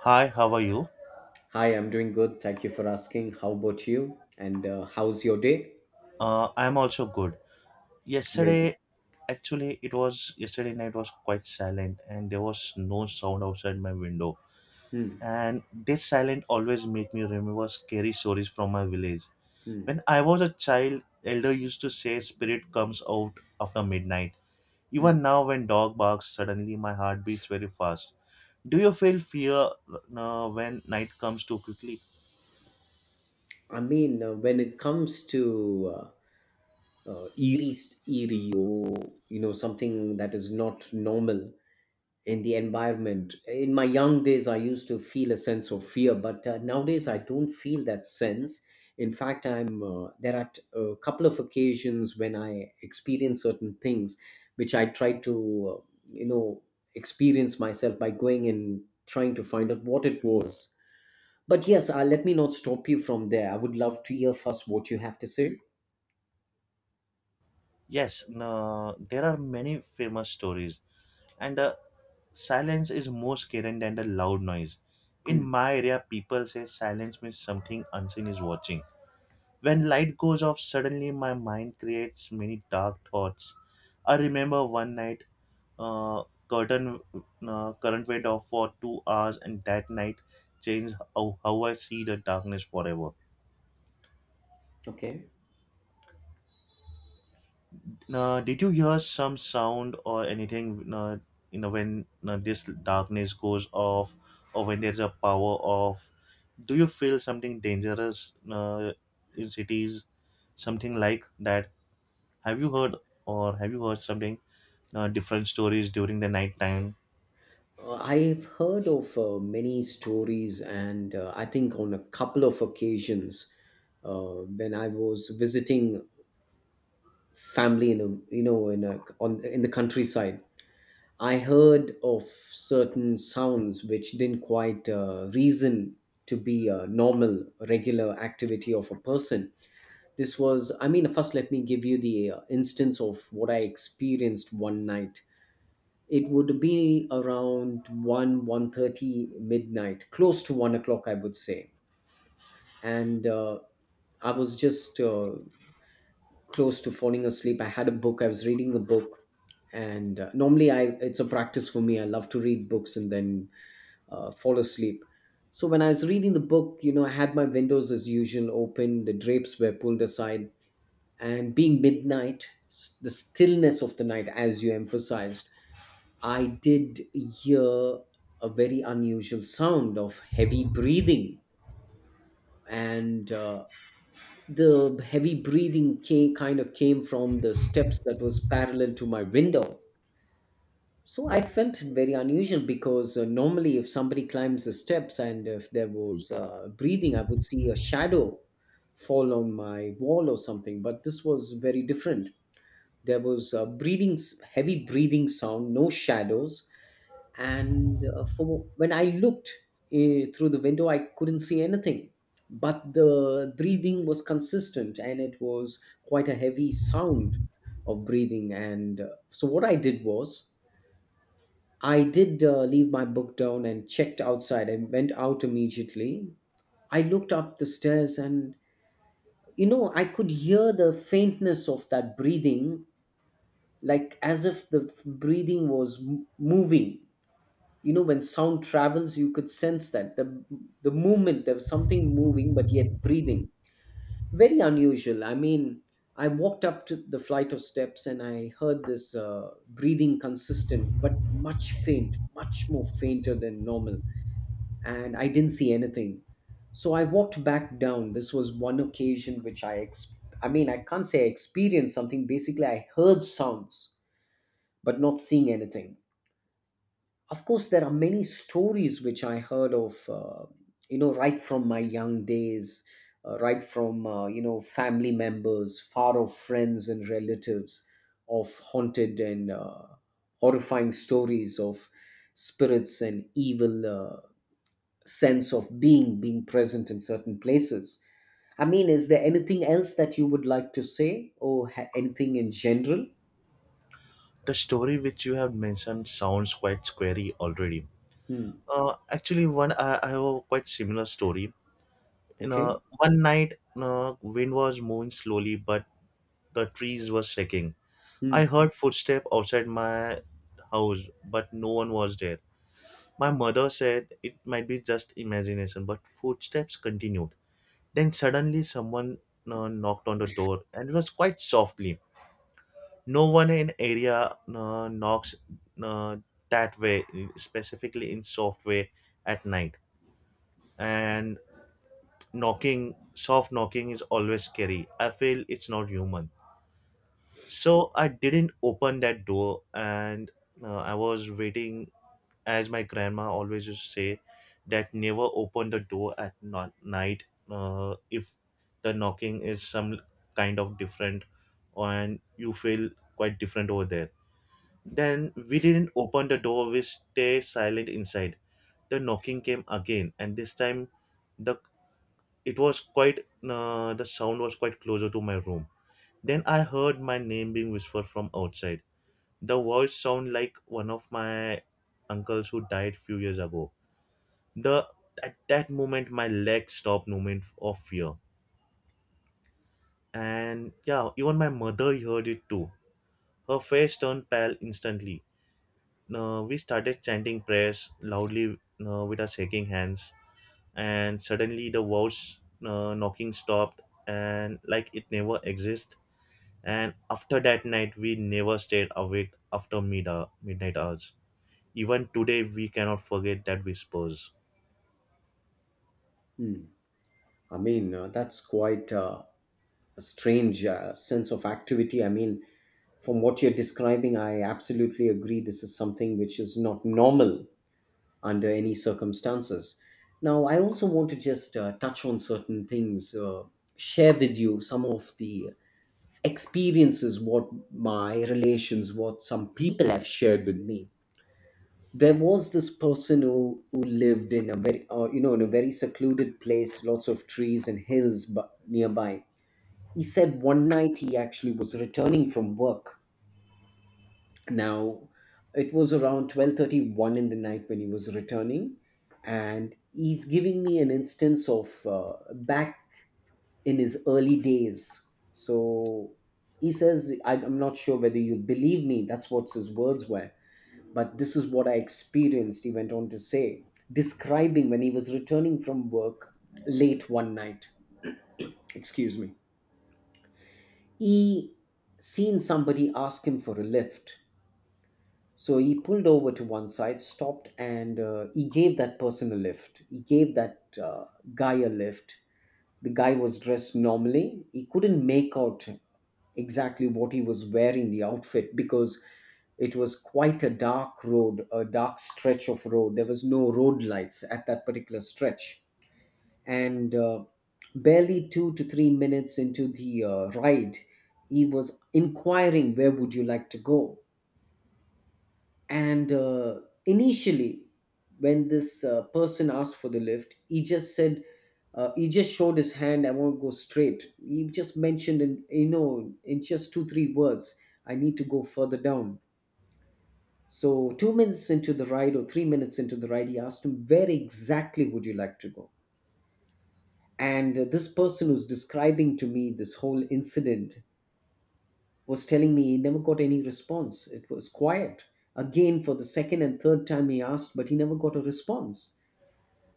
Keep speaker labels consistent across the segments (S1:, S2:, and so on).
S1: Hi, how are you?
S2: Hi, I'm doing good. Thank you for asking. How about you? And how's your day?
S1: I'm also good.
S2: Amazing.
S1: Yesterday, actually, it was yesterday night was quite silent, and there was no sound outside my window.
S2: Hmm.
S1: And this silence always make me remember scary stories from my village.
S2: Hmm.
S1: When I was a child, elder used to say spirit comes out after midnight.
S2: Hmm.
S1: Even now, when dog barks, suddenly my heart beats very fast. Do you feel fear when night comes too quickly?
S2: I mean, when it comes to uh, uh, eerie, eerie, or something that is not normal, in the environment. In my young days, I used to feel a sense of fear, but nowadays I don't feel that sense. In fact, I'm there are t- a couple of occasions when I experience certain things, which I try to you know experience myself by going and trying to find out what it was. But yes, let me not stop you from there. I would love to hear first what you have to say.
S1: Yes, no, there are many famous stories, and the silence is more scary than the loud noise. In
S2: Hmm.
S1: my area, people say silence means something unseen is watching. When light goes off, suddenly my mind creates many dark thoughts. I remember one night, uh, curtain current went off for 2 hours, and that night changed how I see the darkness forever.
S2: Okay.
S1: Did you hear some sound or anything? You know when This darkness goes off, or when there's a power off. Do you feel something dangerous in cities? Something like that? Have you heard or have you heard something different stories during the night time?
S2: I've heard of many stories, and I think on a couple of occasions when I was visiting family in a you know in a on in the countryside. I heard of certain sounds which didn't quite reason to be a normal, regular activity of a person. I mean, first let me give you the instance of what I experienced one night. It would be around 1, 1:30 midnight, close to 1 o'clock, I would say. And I was just close to falling asleep. I had a book, I was reading a book. And normally I it's a practice for me. I love to read books and then fall asleep. So when I was reading the book, I had my windows as usual open, the drapes were pulled aside, and being midnight, the stillness of the night, as you emphasized, I did hear a very unusual sound of heavy breathing. And the heavy breathing kind of came from the steps that was parallel to my window. So I felt it very unusual because normally, if somebody climbs the steps and if there was breathing, I would see a shadow fall on my wall or something. But this was very different. There was a breathing, heavy breathing sound, no shadows. And for when I looked through the window, I couldn't see anything. But the breathing was consistent, and it was quite a heavy sound of breathing. And so what I did was, I did leave my book down and checked outside. I went out immediately. I looked up the stairs, and I could hear the faintness of that breathing, like as if the breathing was moving. You know, when sound travels, you could sense that the movement, there was something moving but yet breathing. Very unusual. I mean, I walked up to the flight of steps and I heard this breathing, consistent but much more fainter than normal. And I didn't see anything. So I walked back down. This was one occasion which I mean, I can't say I experienced something. Basically, I heard sounds but not seeing anything. Of course, there are many stories which I heard of, right from my young days, right from, family members, far off friends and relatives of haunted and horrifying stories of spirits and evil sense of being present in certain places. I mean, is there anything else that you would like to say or anything in general?
S1: The story which you have mentioned sounds quite scary already.
S2: Hmm.
S1: Actually, I have a quite similar story. You know,
S2: Okay.
S1: one night, wind was moving slowly, but the trees were shaking. I
S2: Hmm.
S1: heard footsteps outside my house, but no one was there. My mother said it might be just imagination, but footsteps continued. Then suddenly someone knocked on the door and it was quite softly. No one in area knocks uh, that way, specifically in soft way at night. And knocking, soft knocking is always scary. I feel it's not human. So I didn't open that door, and I was waiting, as my grandma always used to say, that never open the door at not night if the knocking is some kind of different, and you feel quite different over there. Then we didn't open the door; we stay silent inside. The knocking came again, and this time, the it was quite the sound was quite closer to my room. Then I heard my name being whispered from outside. The voice sound like one of my uncles who died few years ago. The at that moment my legs stopped movement of fear. And yeah, even my mother heard it too. Her face turned pale instantly. We started chanting prayers loudly with our shaking hands, and suddenly the voice knocking stopped, and like it never existed. And after that night, we never stayed awake after midnight hours. Even today, we cannot forget that whispers.
S2: Hmm. I mean, that's quite a strange sense of activity. I mean, from what you're describing, I absolutely agree. This is something which is not normal under any circumstances. Now, I also want to just touch on certain things, share with you some of the experiences, what my relations, what some people have shared with me. There was this person who lived in a very, you know, in a very secluded place, lots of trees and hills nearby. He said one night he actually was returning from work. Now, it was around 12:31 in the night when he was returning, and he's giving me an instance of back in his early days. So he says, I'm not sure whether you believe me, that's what his words were, but this is what I experienced, he went on to say, describing when he was returning from work late one night. Excuse me. He seen somebody ask him for a lift. So he pulled over to one side, stopped, and he gave that person a lift. He gave that guy a lift. The guy was dressed normally. He couldn't make out exactly what he was wearing, the outfit, because it was quite a dark road, a dark stretch of road. There was no road lights at that particular stretch. And barely 2 to 3 minutes into the ride, he was inquiring, "Where would you like to go?" And initially, when this person asked for the lift, he just showed his hand. "I want to go straight." He just mentioned, in just two, three words, "I need to go further down." So, 2 minutes into the ride or 3 minutes into the ride, he asked him, "Where exactly would you like to go?" And this person who's describing to me this whole incident was telling me he never got any response. It was quiet. Again, for the second and third time, he asked, but he never got a response.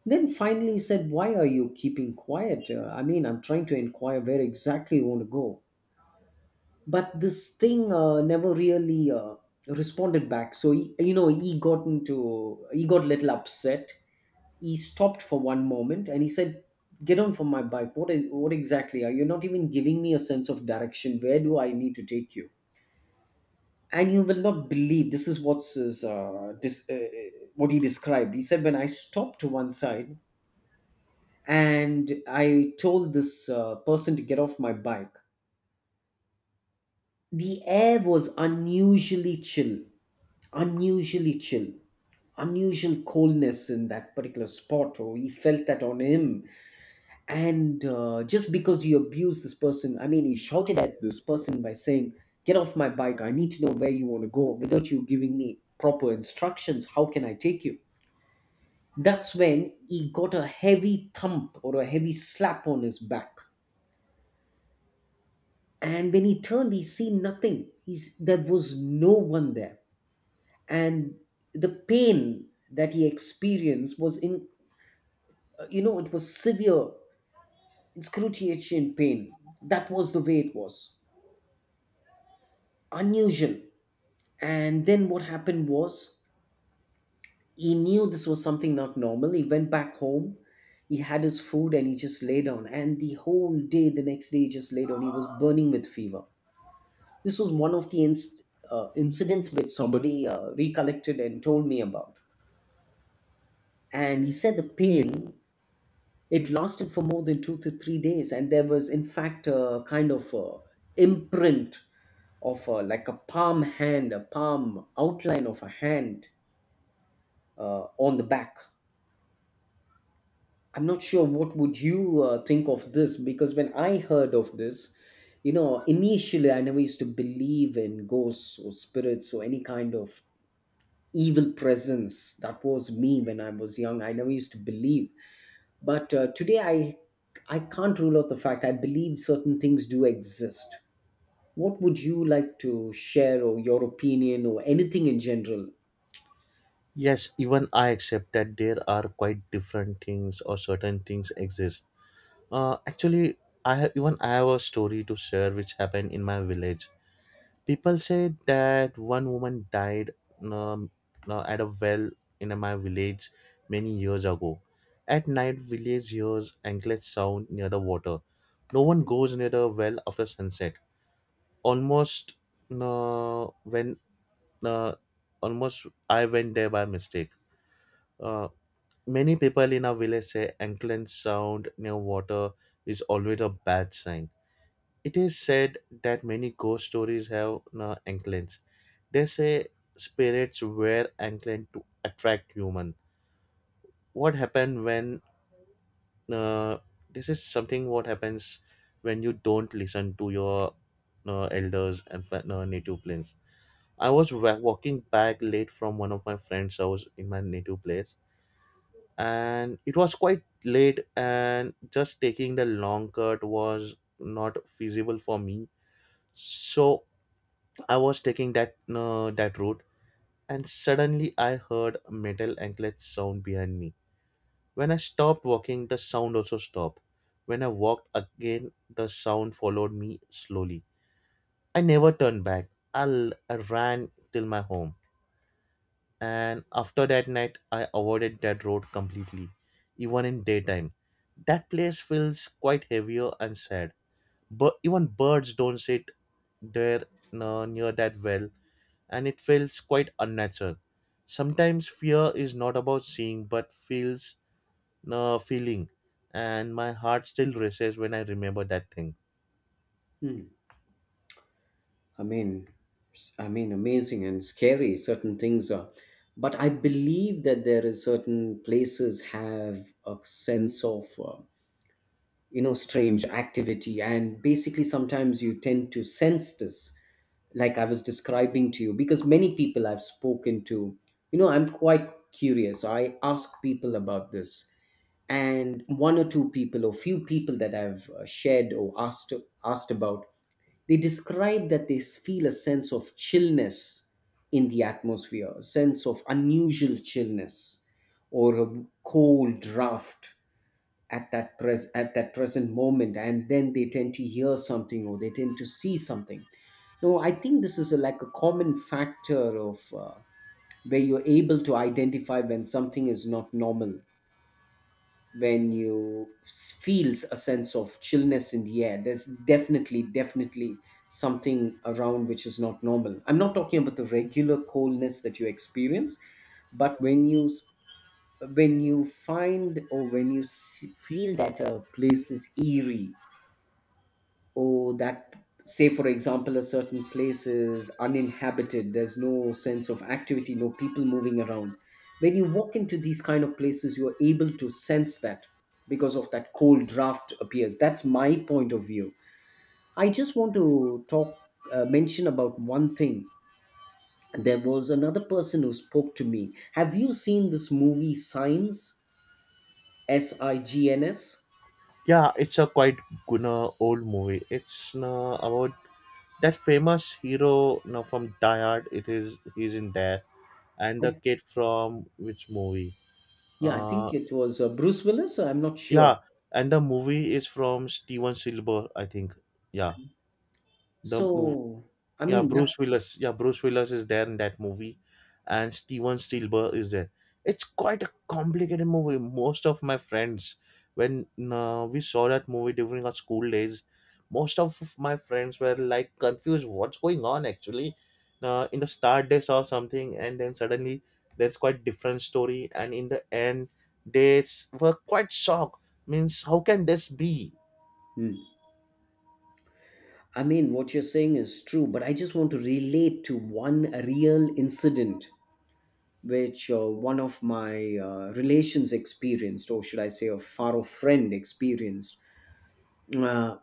S2: Then finally, he said, "Why are you keeping quiet? I mean, I'm trying to inquire where exactly you want to go." But this thing never really responded back. So, he, you know, he got into, he got a little upset. He stopped for one moment and he said, "Get on from my bike. What exactly? Are you not even giving me a sense of direction? Where do I need to take you?" And you will not believe, this is what he described. He said, "When I stopped to one side and I told this person to get off my bike, the air was unusually chill, unusually chill, unusual coldness in that particular spot," or he felt that on him. And just because you abuse this person, I mean, he shouted at this person by saying, "Get off my bike. I need to know where you want to go. Without you giving me proper instructions, how can I take you?" That's when he got a heavy thump or a heavy slap on his back. And when he turned, he seen nothing. There was no one there. And the pain that he experienced was in you know it was severe, excruciating pain. That was the way it was, unusual. And then what happened was, he knew this was something not normal. He went back home, he had his food, and he just lay down. And the whole day, the next day, he just lay down. He was burning with fever. This was one of the incidents which somebody recollected and told me about. And he said the pain, it lasted for more than 2 to 3 days. And there was, in fact, a kind of imprint of like a palm outline of a hand on the back. I'm not sure what would you think of this, because when I heard of this, initially I never used to believe in ghosts or spirits or any kind of evil presence. That was me when I was young. I never used to believe, but today I can't rule out the fact I believe certain things do exist. What would you like to share or your opinion or anything in general?
S1: Yes, even I accept that there are quite different things or certain things exist. Actually, even I have a story to share which happened in my village. People say that one woman died um, at a well in my village many years ago. At night, village hears anklet sound near the water. No one goes near the well after sunset. Almost uh, when uh, Almost I went there by mistake. Uh, Many people in our village say anklet sound near water is always a bad sign. It is said that many ghost stories have anklets. They say spirits wear anklets to attract human. What happened when uh, this is something what happens when you don't listen to your elders and native plains. I was walking back late from one of my friend's house in my native place, and it was quite late and just taking the long cut was not feasible for me, so I was taking that route. And suddenly I heard a metal anklet sound behind me. When I stopped walking the sound also stopped. When I walked again the sound followed me slowly. I never turned back. I ran till my home, and after that night I avoided that road completely. Even in daytime that place feels quite heavier and sad, but even birds don't sit there near that well, and it feels quite unnatural. Sometimes fear is not about seeing but feels feeling, and my heart still races when I remember that thing.
S2: Hmm. I mean, I mean, amazing and scary. Certain things are, but I believe that there is certain places have a sense of strange activity, and basically sometimes you tend to sense this, like I was describing to you, because many people I've spoken to, I'm quite curious. I ask people about this, and one or two people or few people that I've shared or asked about, they describe that they feel a sense of chillness in the atmosphere, a sense of unusual chillness or a cold draft at that present moment, and then they tend to hear something or they tend to see something. No, I think this is a, like a common factor of where you're able to identify when something is not normal. When you feels a sense of chillness in the air, there's definitely something around which is not normal. I'm not talking about the regular coldness that you experience, but when you find or feel that a place is eerie. Oh, that, say for example a certain place is uninhabited, there's no sense of activity, no people moving around. When you walk into these kind of places, you're able to sense that because of that cold draft appears. That's my point of view. I just want to talk, mention about one thing. There was another person who spoke to me. Have you seen this movie Signs? S I G N S.
S1: Yeah, it's a quite good old movie. It's about that famous hero now from Die Hard. It is he's in there, and the
S2: I,
S1: kid from which movie?
S2: yeah, I
S1: Uh,
S2: think it was Bruce Willis, I'm not sure.
S1: yeah, and the movie is from Steven Silver, I think. Yeah, the
S2: So, I
S1: yeah,
S2: mean,
S1: Bruce
S2: that's.
S1: Willis, yeah Bruce Willis is there in that movie, and Steven Spielberg is there. It's quite a complicated movie. Most of my friends, when we saw that movie during our school days, most of my friends were like confused what's going on actually. In the start they saw something, and then suddenly there's quite different story, and in the end were quite shocked, means how can this be.
S2: Mm. I mean, what you're saying is true, but I just want to relate to one real incident which one of my relations experienced, or should I say, a far off friend experienced. Uh,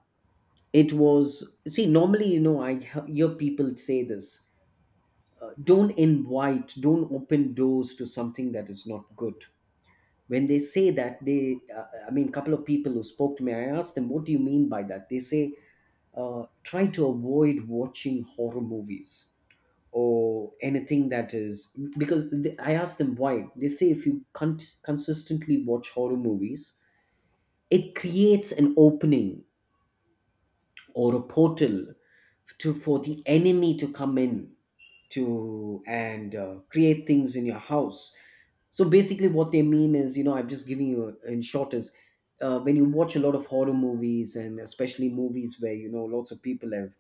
S2: it was, see, normally, you know, hear people say this, don't invite, don't open doors to something that is not good. When they say that, I mean, a couple of people who spoke to me, I asked them, what do you mean by that? They say, try to avoid watching horror movies or anything that is, because th I asked them why. They say if you consistently watch horror movies, it creates an opening or a portal to, for the enemy to come in to, and create things in your house. So basically, what they mean is, you know, I'm just giving you in short, is when you watch a lot of horror movies, and especially movies where you know lots of people have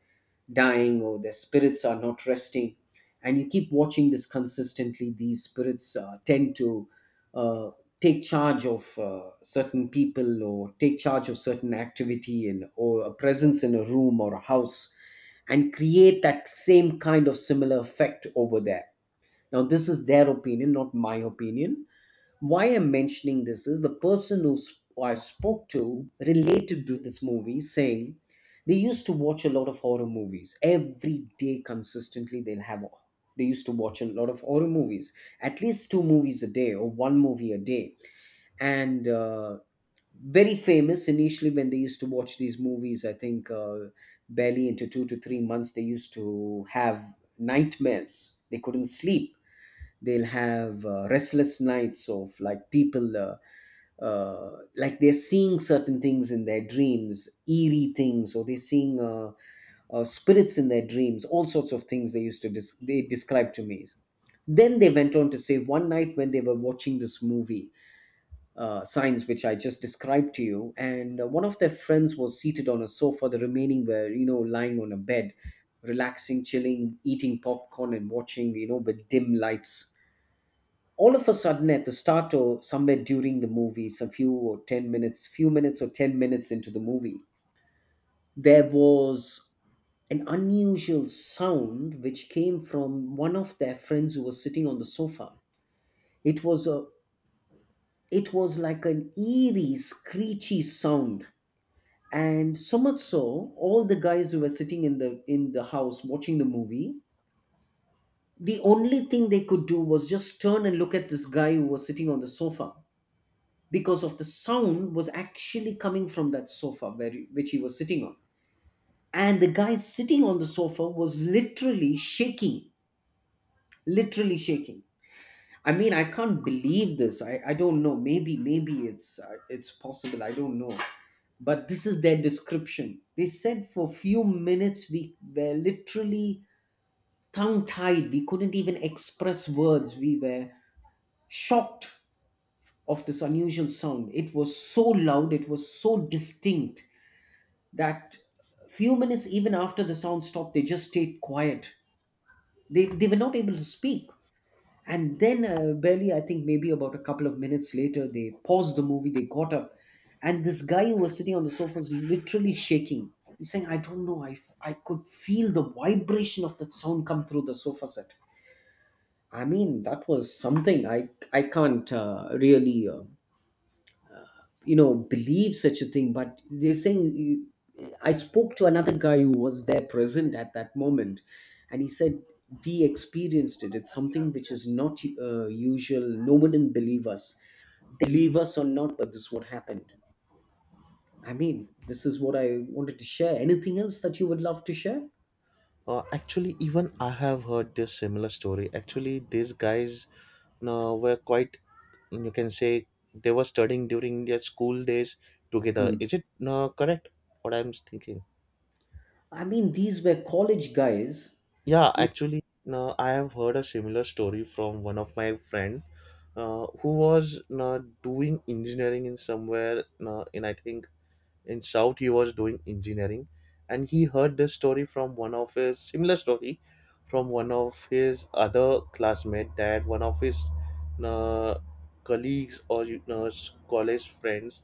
S2: dying or their spirits are not resting, and you keep watching this consistently, these spirits tend to uh, take charge of certain people or take charge of certain activity and or a presence in a room or a house, and create that same kind of similar effect over there. Now this is their opinion, not my opinion. Why I'm mentioning this is the person who I spoke to related to this movie, saying they used to watch a lot of horror movies every day consistently. They'll have, they used to watch a lot of horror movies, at least two movies a day or one movie a day. And very famous, initially when they used to watch these movies, I think barely into 2 to 3 months, they used to have nightmares, they couldn't sleep. They'll have restless nights of like people like they're seeing certain things in their dreams, eerie things, or they're seeing spirits in their dreams, all sorts of things they used to they describe to me. Then they went on to say, one night when they were watching this movie, Signs, which I just described to you, and one of their friends was seated on a sofa, the remaining were, you know, lying on a bed, relaxing, chilling, eating popcorn, and watching, you know, with dim lights. All of a sudden, at the start or somewhere during the movie, some few minutes or 10 minutes into the movie, there was an unusual sound which came from one of their friends who was sitting on the sofa. It was a, it was like an eerie screechy sound, and so much so, all the guys who were sitting in the house watching the movie, the only thing they could do was just turn and look at this guy who was sitting on the sofa, because of the sound was actually coming from that sofa where which he was sitting on. And the guy sitting on the sofa was literally shaking, literally shaking. I mean, I can't believe this. I don't know, maybe it's possible, I don't know. But this is their description. They said for few minutes we were literally tongue tied, we couldn't even express words, we were shocked of this unusual sound. It was so loud, it was so distinct, that few minutes even after the sound stopped, they just stayed quiet. They were not able to speak. And then barely, I think maybe about a couple of minutes later, they paused the movie, they got up, and this guy who was sitting on the sofa was literally shaking. He's saying, I don't know, I could feel the vibration of that sound come through the sofa set. I mean, that was something I can't really you know, believe such a thing. But they're saying, you-, I spoke to another guy who was there present at that moment, and he said we experienced it, it's something which is not usual. No one didn't believe us, they believe us or not, but this is what happened. I mean, this is what I wanted to share. Anything else that you would love to share?
S1: Actually, even I have heard this similar story. Actually, these guys were quite, you can say, they were studying during their school days together.
S2: Hmm.
S1: Is it correct? What I'm thinking?
S2: I mean, these were college guys.
S1: Yeah, actually, no, I have heard a similar story from one of my friend who was doing engineering in somewhere in I think in south he was doing engineering. And he heard this story from one of his similar story from one of his other classmate that one of his uh, colleagues or you know, college friends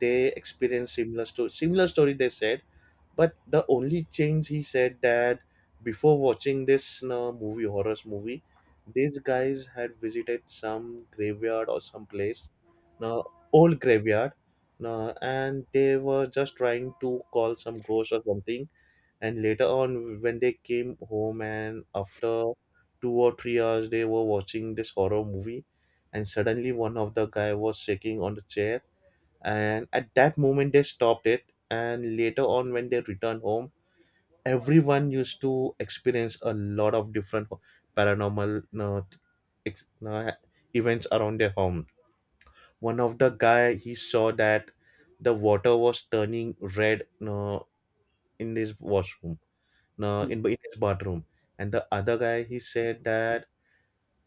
S1: they experienced similar story, they said. But the only change he said that before watching this movie horror movie, these guys had visited some graveyard or some place, uh, old graveyard. No, and they were just trying to call some ghost or something. And later on, when they came home, and after 2 or 3 hours, they were watching this horror movie, and suddenly one of the guy was shaking on the chair. And at that moment, they stopped it. And later on, when they returned home, everyone used to experience a lot of different paranormal ex- uh, events around their home. One of the guy he saw that the water was turning red in his washroom,
S2: Hmm.
S1: in his bathroom. And the other guy he said that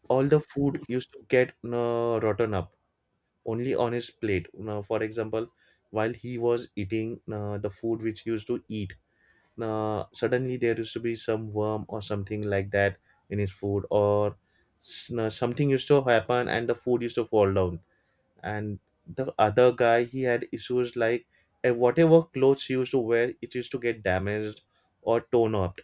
S1: all the food used to get rotten up only on his plate. Now, for example, while he was eating the food which he used to eat, suddenly there used to be some worm or something like that in his food, something used to happen and the food used to fall down. And the other guy he had issues like, eh, whatever clothes he used to wear it used to get damaged or torn up.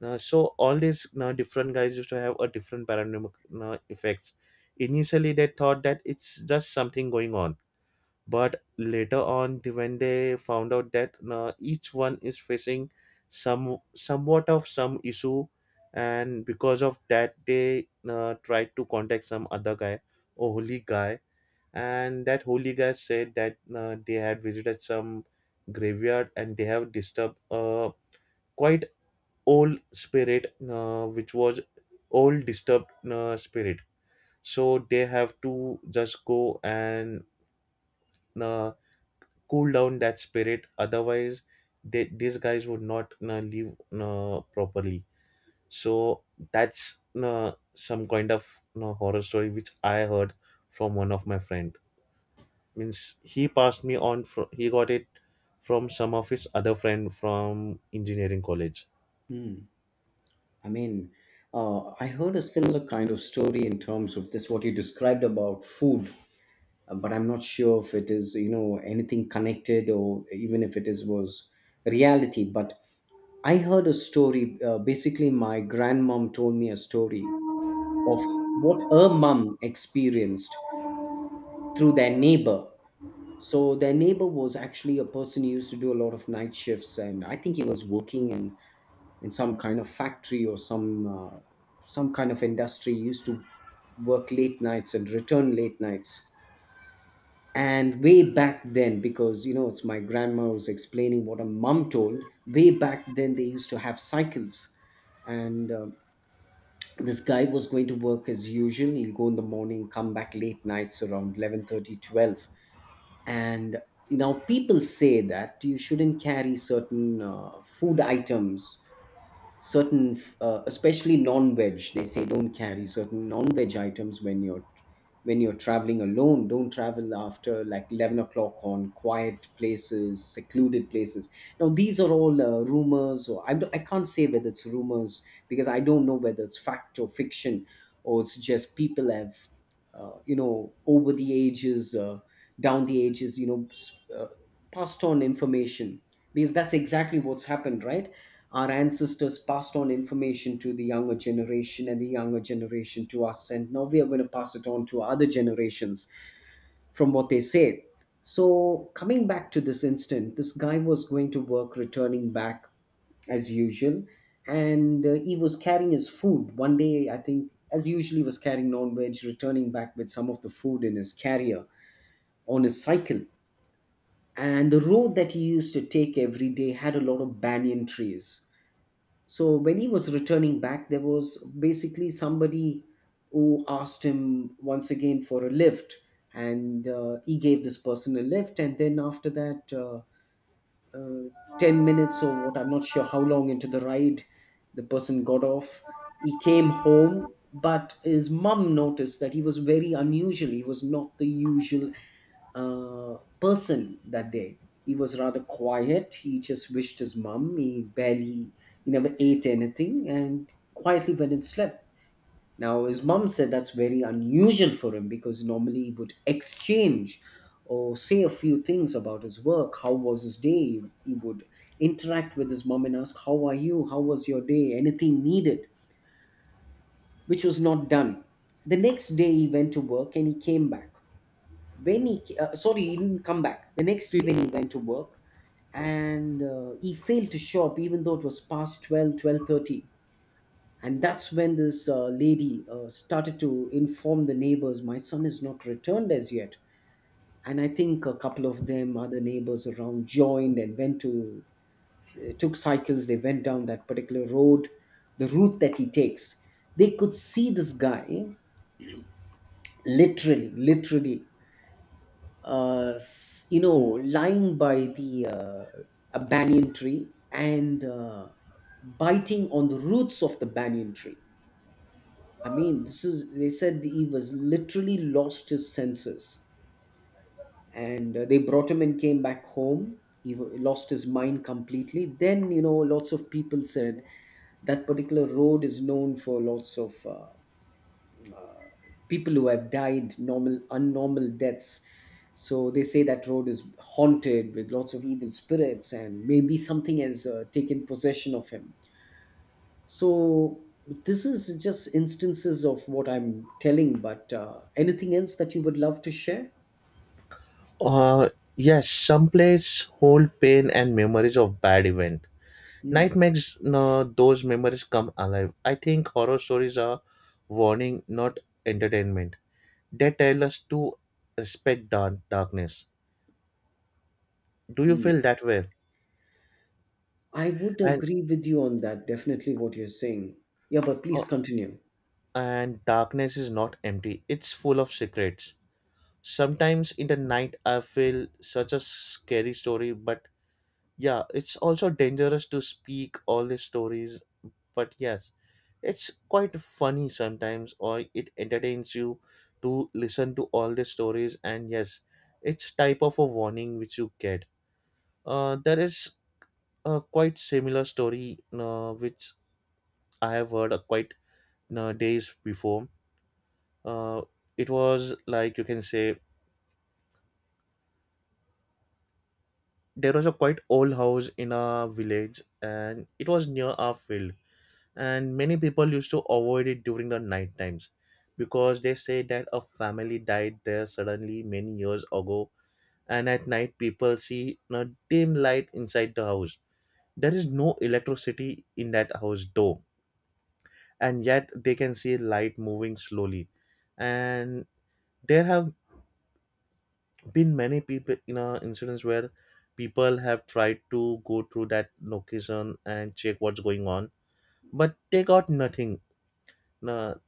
S1: Now, so all these now different guys used to have a different paranormal now, effects. Initially they thought that it's just something going on, but later on when they found out that now each one is facing some somewhat of some issue, and because of that they tried to contact some other guy or holy guy. And that holy guy said that they had visited some graveyard and they have disturbed a quite old spirit which was old disturbed spirit. So they have to just go and uh, cool down that spirit, otherwise they, these guys would not leave properly. So that's some kind of horror story which I heard from one of my friend. Means he passed me on he got it from some of his other friend from engineering college.
S2: Hmm. I mean, I heard a similar kind of story in terms of this what you described about food. But I'm not sure if it is, you know, anything connected, or even if it is was reality. But I heard a story. Basically, my grandmom told me a story of what her mum experienced through their neighbor. So their neighbor was actually a person who used to do a lot of night shifts, and I think he was working in some kind of factory or some kind of industry. He used to work late nights and return late nights. And way back then, because you know, it's, my grandma was explaining what a mum told, way back then they used to have cycles. And this guy was going to work as usual, he'll go in the morning, come back late nights around 11:30, 12. And now people say that you shouldn't carry certain food items, certain especially non-veg, they say don't carry certain non-veg items when you're, when you're traveling alone, don't travel after like 11 o'clock on quiet places, secluded places. Now these are all rumors, or don't, I can't say whether it's rumors, because I don't know whether it's fact or fiction, or it's just people have you know, over the ages, down the ages, you know, passed on information, because that's exactly what's happened, right? Our ancestors passed on information to the younger generation, and the younger generation to us, and now we are going to pass it on to other generations, from what they say. So, coming back to this instant, this guy was going to work, returning back as usual, and he was carrying his food. One day, I think, as usually, was carrying non veg, returning back with some of the food in his carrier on his cycle. And the road that he used to take every day had a lot of banyan trees, so when he was returning back, there was basically somebody who asked him once again for a lift, and he gave this person a lift. And then after that, uh, 10 minutes or what, I'm not sure how long into the ride, the person got off. He came home, but his mum noticed that he was very unusual. He was not the usual person that day. He was rather quiet. He just wished his mum. He barely, he never ate anything and quietly went and slept. Now, his mum said that's very unusual for him, because normally he would exchange or say a few things about his work. How was his day? He would interact with his mum and ask, how are you? How was your day? Anything needed, which was not done. The next day, he went to work and he came back, sorry, he didn't come back the next day when he went to work, and he failed to show up even though it was past 12, 12:30. And that's when this lady started to inform the neighbors, my son is not returned as yet. And I think a couple of them, other neighbors around, joined and went to, took cycles, they went down that particular road, the route that he takes. They could see this guy, literally, literally, you know, lying by the a banyan tree, and biting on the roots of the banyan tree. I mean, this is, they said he was literally lost his senses, and they brought him and came back home. He lost his mind completely. Then you know, lots of people said that particular road is known for lots of. People who have died normal unnormal deaths, so they say that road is haunted with lots of evil spirits, and maybe something has taken possession of him. So this is just instances of what I'm telling, but anything else that you would love to share?
S1: uh yes, some plays hold pain and memories of bad event.
S2: Hmm.
S1: Night makes no, those memories come alive. I think horror stories are warning not entertainment. They tell us to respect darkness. Do you
S2: Hmm.
S1: feel that way?
S2: I would
S1: And
S2: agree with you on that, definitely, what you're saying. Yeah, but
S1: uh,
S2: please continue.
S1: and darkness is not empty, it's full of secrets. Sometimes in the night, I feel such a scary story, but yeah, it's also dangerous to speak all the stories. But yes, it's quite funny sometimes, or it entertains you to listen to all the stories. And yes, it's type of a warning which you get. There is a quite similar story which I have heard quite days before. Uh, it was like you can say there was a quite old house in a village and it was near our field, and many people used to avoid it during the night times because they say that a family died there suddenly many years ago. And at night people see a dim light inside the house. There is no electricity in that house though, and yet they can see light moving slowly. And there have been many people, you know, incidents where people have tried to go through that location and check what's going on, but they got nothing. No,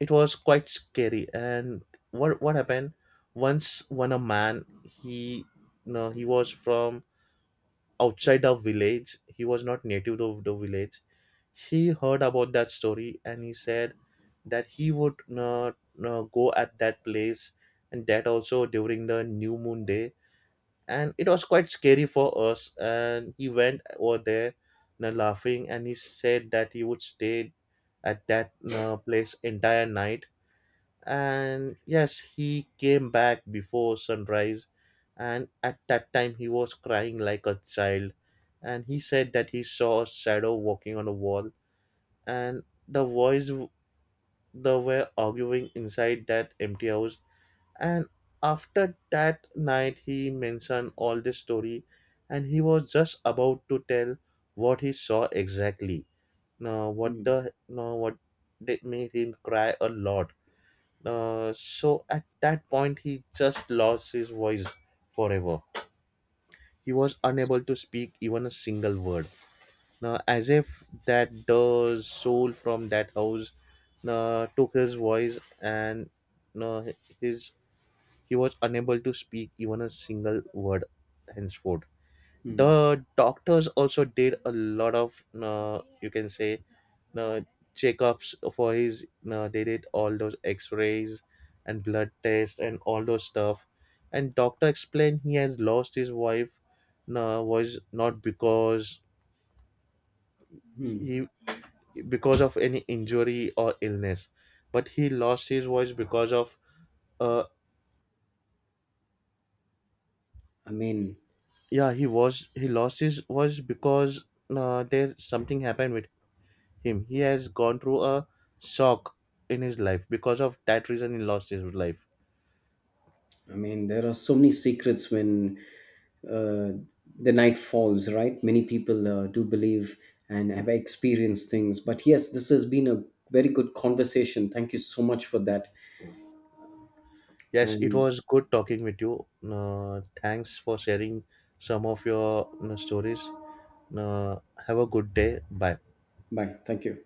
S1: it was quite scary. And what happened once when a man, he, no he was from outside the village, he was not native of the village. He heard about that story and he said that he would not go at that place, and that also during the new moon day. And it was quite scary for us, and he went over there, you know, laughing, and he said that he would stay at that, you know, place entire night. And yes he came back before sunrise, and at that time he was crying like a child. And he said that he saw a shadow walking on a wall, and they were arguing inside that empty house. And after that night, he mentioned all the story, and he was just about to tell what he saw exactly. Now, what
S2: Hmm.
S1: the now what did made him cry a lot. So at that point, he just lost his voice forever. He was unable to speak even a single word. Now, as if that the soul from that house took his voice, and uh, his he was unable to speak even a single word henceforth.
S2: Hmm.
S1: The doctors also did a lot of, you can say, uh, checkups for his. They did all those X-rays and blood tests and all those stuff. And doctor explained he has lost his wife. Was not because
S2: Hmm.
S1: he, because of any injury or illness, but he lost his voice because of uh,
S2: I mean.
S1: yeah, he was, he lost his voice because there something happened with him. He has gone through a shock in his life. Because of that reason, he lost his life.
S2: I mean, there are so many secrets when uh, the night falls, right? Many people do believe and have experienced things. But yes, this has been a very good conversation. Thank you so much for that.
S1: Yes, it
S2: And
S1: was good talking with you. Thanks for sharing some of your stories. Uh, have a good day. Bye.
S2: bye. Thank you.